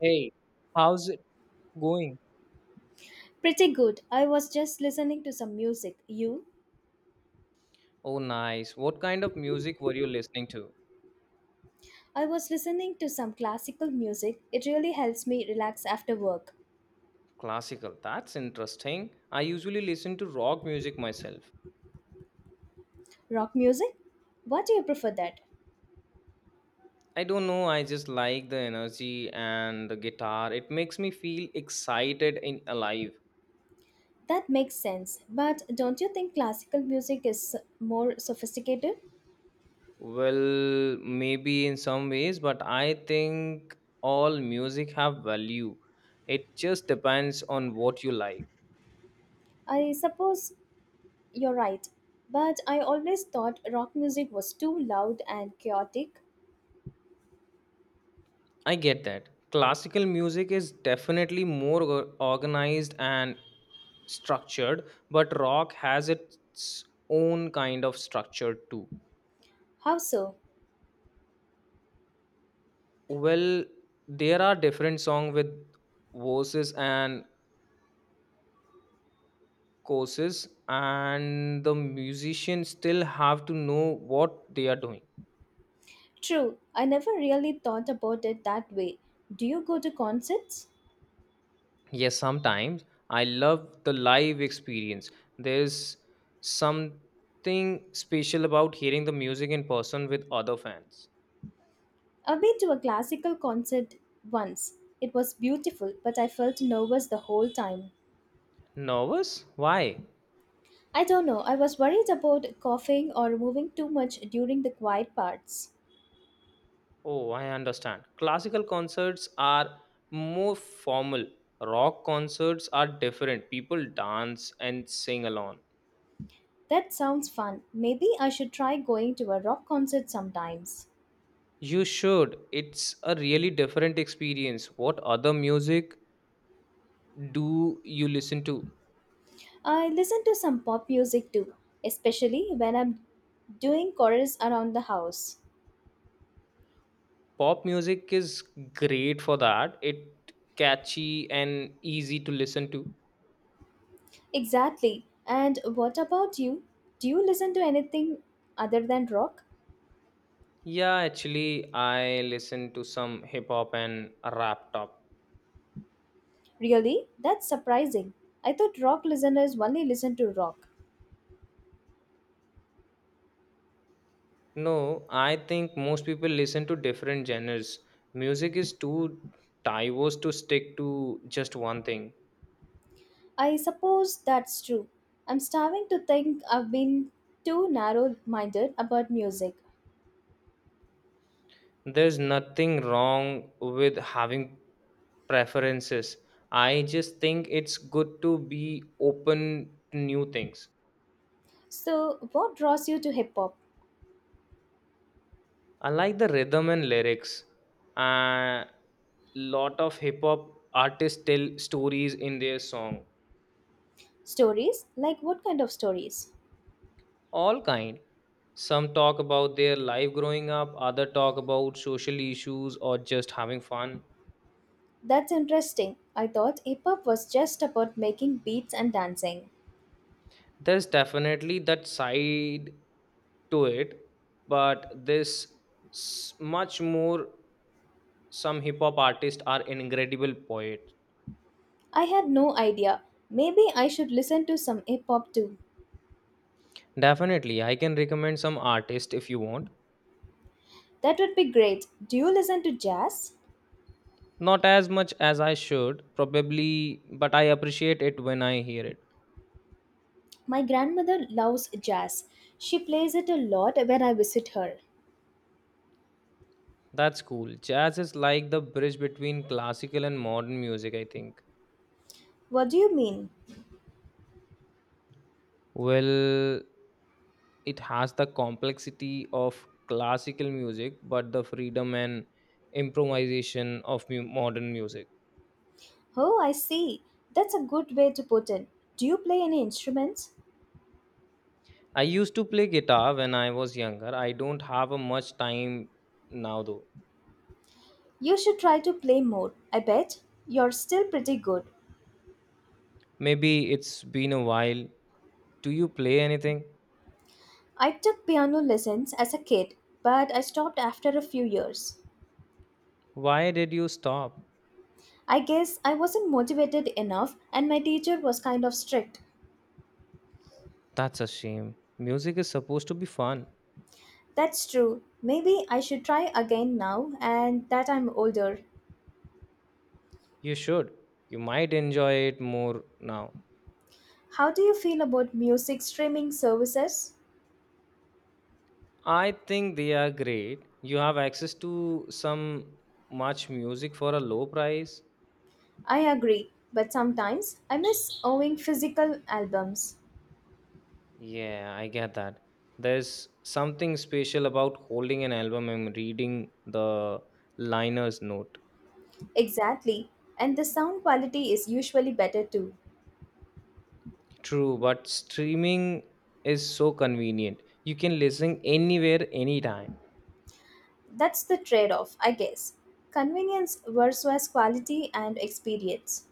Hey, how's it going? Pretty good. I was just listening to some music. You? Oh, nice. What kind of music were you listening to? I was listening to some classical music. It really helps me relax after work. Classical. That's interesting. I usually listen to rock music myself. Rock music? What do you prefer that? I don't know, I just like the energy and the guitar. It makes me feel excited and alive. That makes sense. But don't you think classical music is more sophisticated? Well, maybe in some ways, but I think all music have value. It just depends on what you like. I suppose you're right. But I always thought rock music was too loud and chaotic. I get that. Classical music is definitely organized and structured, but rock has its own kind of structure too. How so? Well, there are different songs with verses and courses, and the musicians still have to know what they are doing. True. I never really thought about it that way. Do you go to concerts? Yes, sometimes I love the live experience. There's something special about hearing the music in person with other fans. I've been to a classical concert once. It was beautiful, but I felt nervous the whole time. Nervous? Why? I don't know, I was worried about coughing or moving too much during the quiet parts. Oh, I understand. Classical concerts are more formal. Rock concerts are different. People dance and sing along. That sounds fun. Maybe I should try going to a rock concert sometimes. You should. It's a really different experience. What other music do you listen to? I listen to some pop music too, especially when I'm doing chorus around the house. Pop music is great for that. It catchy and easy to listen to. Exactly. And what about you? Do you listen to anything other than rock? Yeah, actually I listen to some hip hop and rap top. Really? That's surprising. I thought rock listeners only listen to rock. No, I think most people listen to different genres. Music is too diverse to stick to just one thing. I suppose that's true. I'm starting to think I've been too narrow minded about music. There's nothing wrong with having preferences. I just think it's good to be open to new things. So, what draws you to hip hop? I like the rhythm and lyrics. A lot of hip hop artists tell stories in their song. Stories? Like what kind of stories? All kind, some talk about their life growing up, other talk about social issues or just having fun. That's interesting. I thought hip hop was just about making beats and dancing. There's definitely that side to it, but much more. Some hip hop artists are incredible poets. I had no idea. Maybe I should listen to some hip hop too. Definitely, I can recommend some artists if you want. That would be great. Do you listen to jazz? Not as much as I should probably, but I appreciate it when I hear it. My grandmother loves jazz. She plays it a lot when I visit her. That's cool. Jazz is like the bridge between classical and modern music, I think. What do you mean? Well, it has the complexity of classical music, but the freedom and improvisation of modern music. Oh, I see. That's a good way to put it. Do you play any instruments? I used to play guitar when I was younger. I don't have a much time now, though. You should try to play more. I bet you're still pretty good. Maybe it's been a while. Do you play anything? I took piano lessons as a kid, but I stopped after a few years. Why did you stop? I guess I wasn't motivated enough and my teacher was kind of strict. That's a shame. Music is supposed to be fun. That's true. Maybe I should try again now and that I'm older. You should. You might enjoy it more now. How do you feel about music streaming services? I think they are great. You have access to some much music for a low price. I agree, but sometimes I miss owning physical albums. Yeah, I get that. There's something special about holding an album and reading the liner's note. Exactly, and the sound quality is usually better too. True, but streaming is so convenient. You can listen anywhere, anytime. That's the trade off, I guess. Convenience versus quality and experience.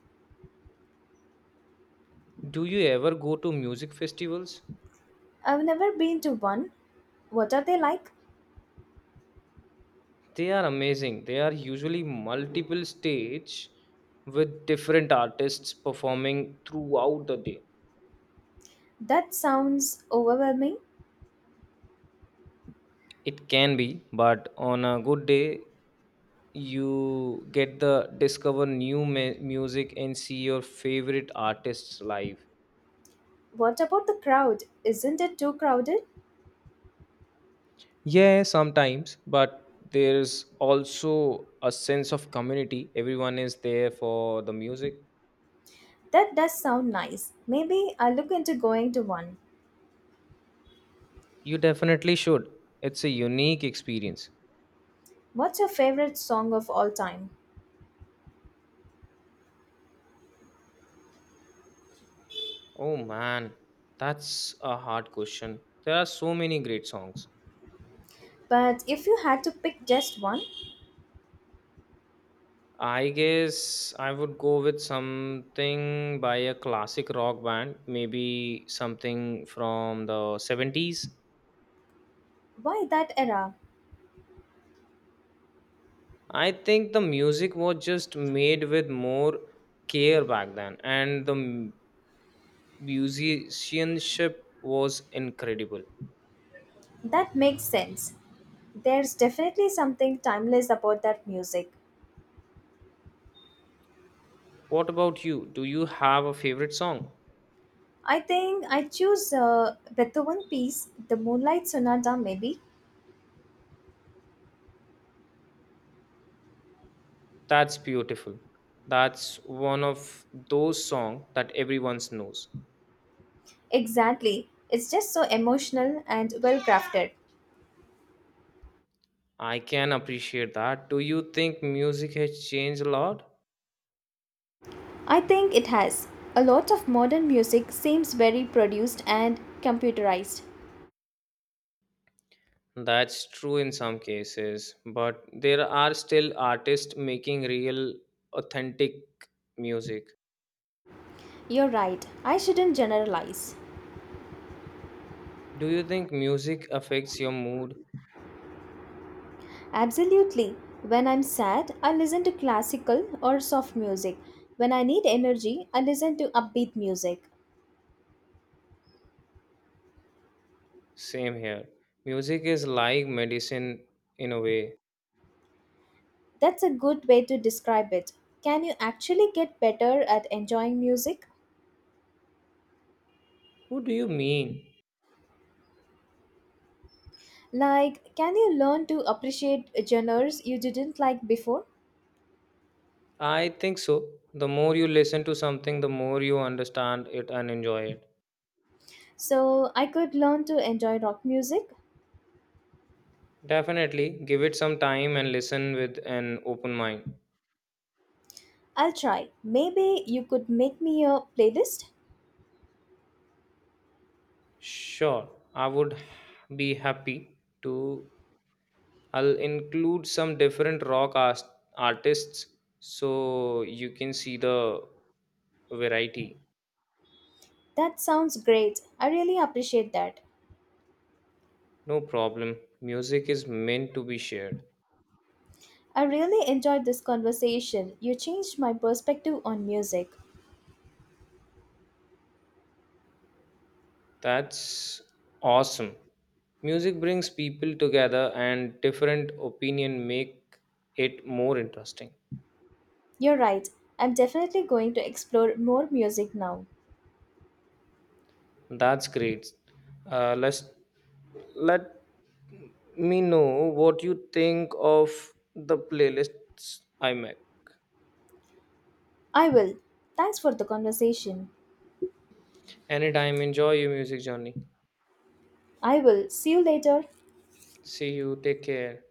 Do you ever go to music festivals? I've never been to one. What are they like? They are amazing. They are usually multiple stage with different artists performing throughout the day. That sounds overwhelming. It can be, but on a good day, you get the discover music and see your favorite artists live. What about the crowd? Isn't it too crowded? Yeah, sometimes, but there's also a sense of community. Everyone is there for the music. That does sound nice. Maybe I'll look into going to one. You definitely should. It's a unique experience. What's your favorite song of all time? Oh man, that's a hard question. There are so many great songs. But if you had to pick just one, I guess I would go with something by a classic rock band, maybe something from the 70s. why that era? I think the music was just made with more care back then, and the musicianship was incredible. That makes sense. There's definitely something timeless about that music. What about you? Do you have a favorite song? I think I choose Beethoven piece, the Moonlight Sonata, maybe. That's beautiful. That's one of those songs that everyone knows. Exactly. It's just so emotional and well crafted. I can appreciate that. Do you think music has changed a lot? I think it has. A lot of modern music seems very produced and computerized. That's true in some cases, but there are still artists making real, authentic music. You're right. I shouldn't generalize. Do you think music affects your mood? Absolutely. When I'm sad, I listen to classical or soft music. When I need energy, I listen to upbeat music. Same here. Music is like medicine in a way. That's a good way to describe it. Can you actually get better at enjoying music? What do you mean? Like, can you learn to appreciate genres you didn't like before? I think so. The more you listen to something, the more you understand it and enjoy it. So, I could learn to enjoy rock music? Definitely, give it some time and listen with an open mind. I'll try. Maybe you could make me a playlist? Sure, I would be happy to. I'll include some different artists so you can see the variety. That sounds great. I really appreciate that. No problem. Music is meant to be shared. I really enjoyed this conversation. You changed my perspective on music. That's awesome. Music brings people together, and different opinion make it more interesting. You're right. I'm definitely going to explore more music now. That's great. Let's let me know what you think of the playlists I make. I will. Thanks for the conversation. Anytime, enjoy your music journey. I will. See you later. See you. Take care.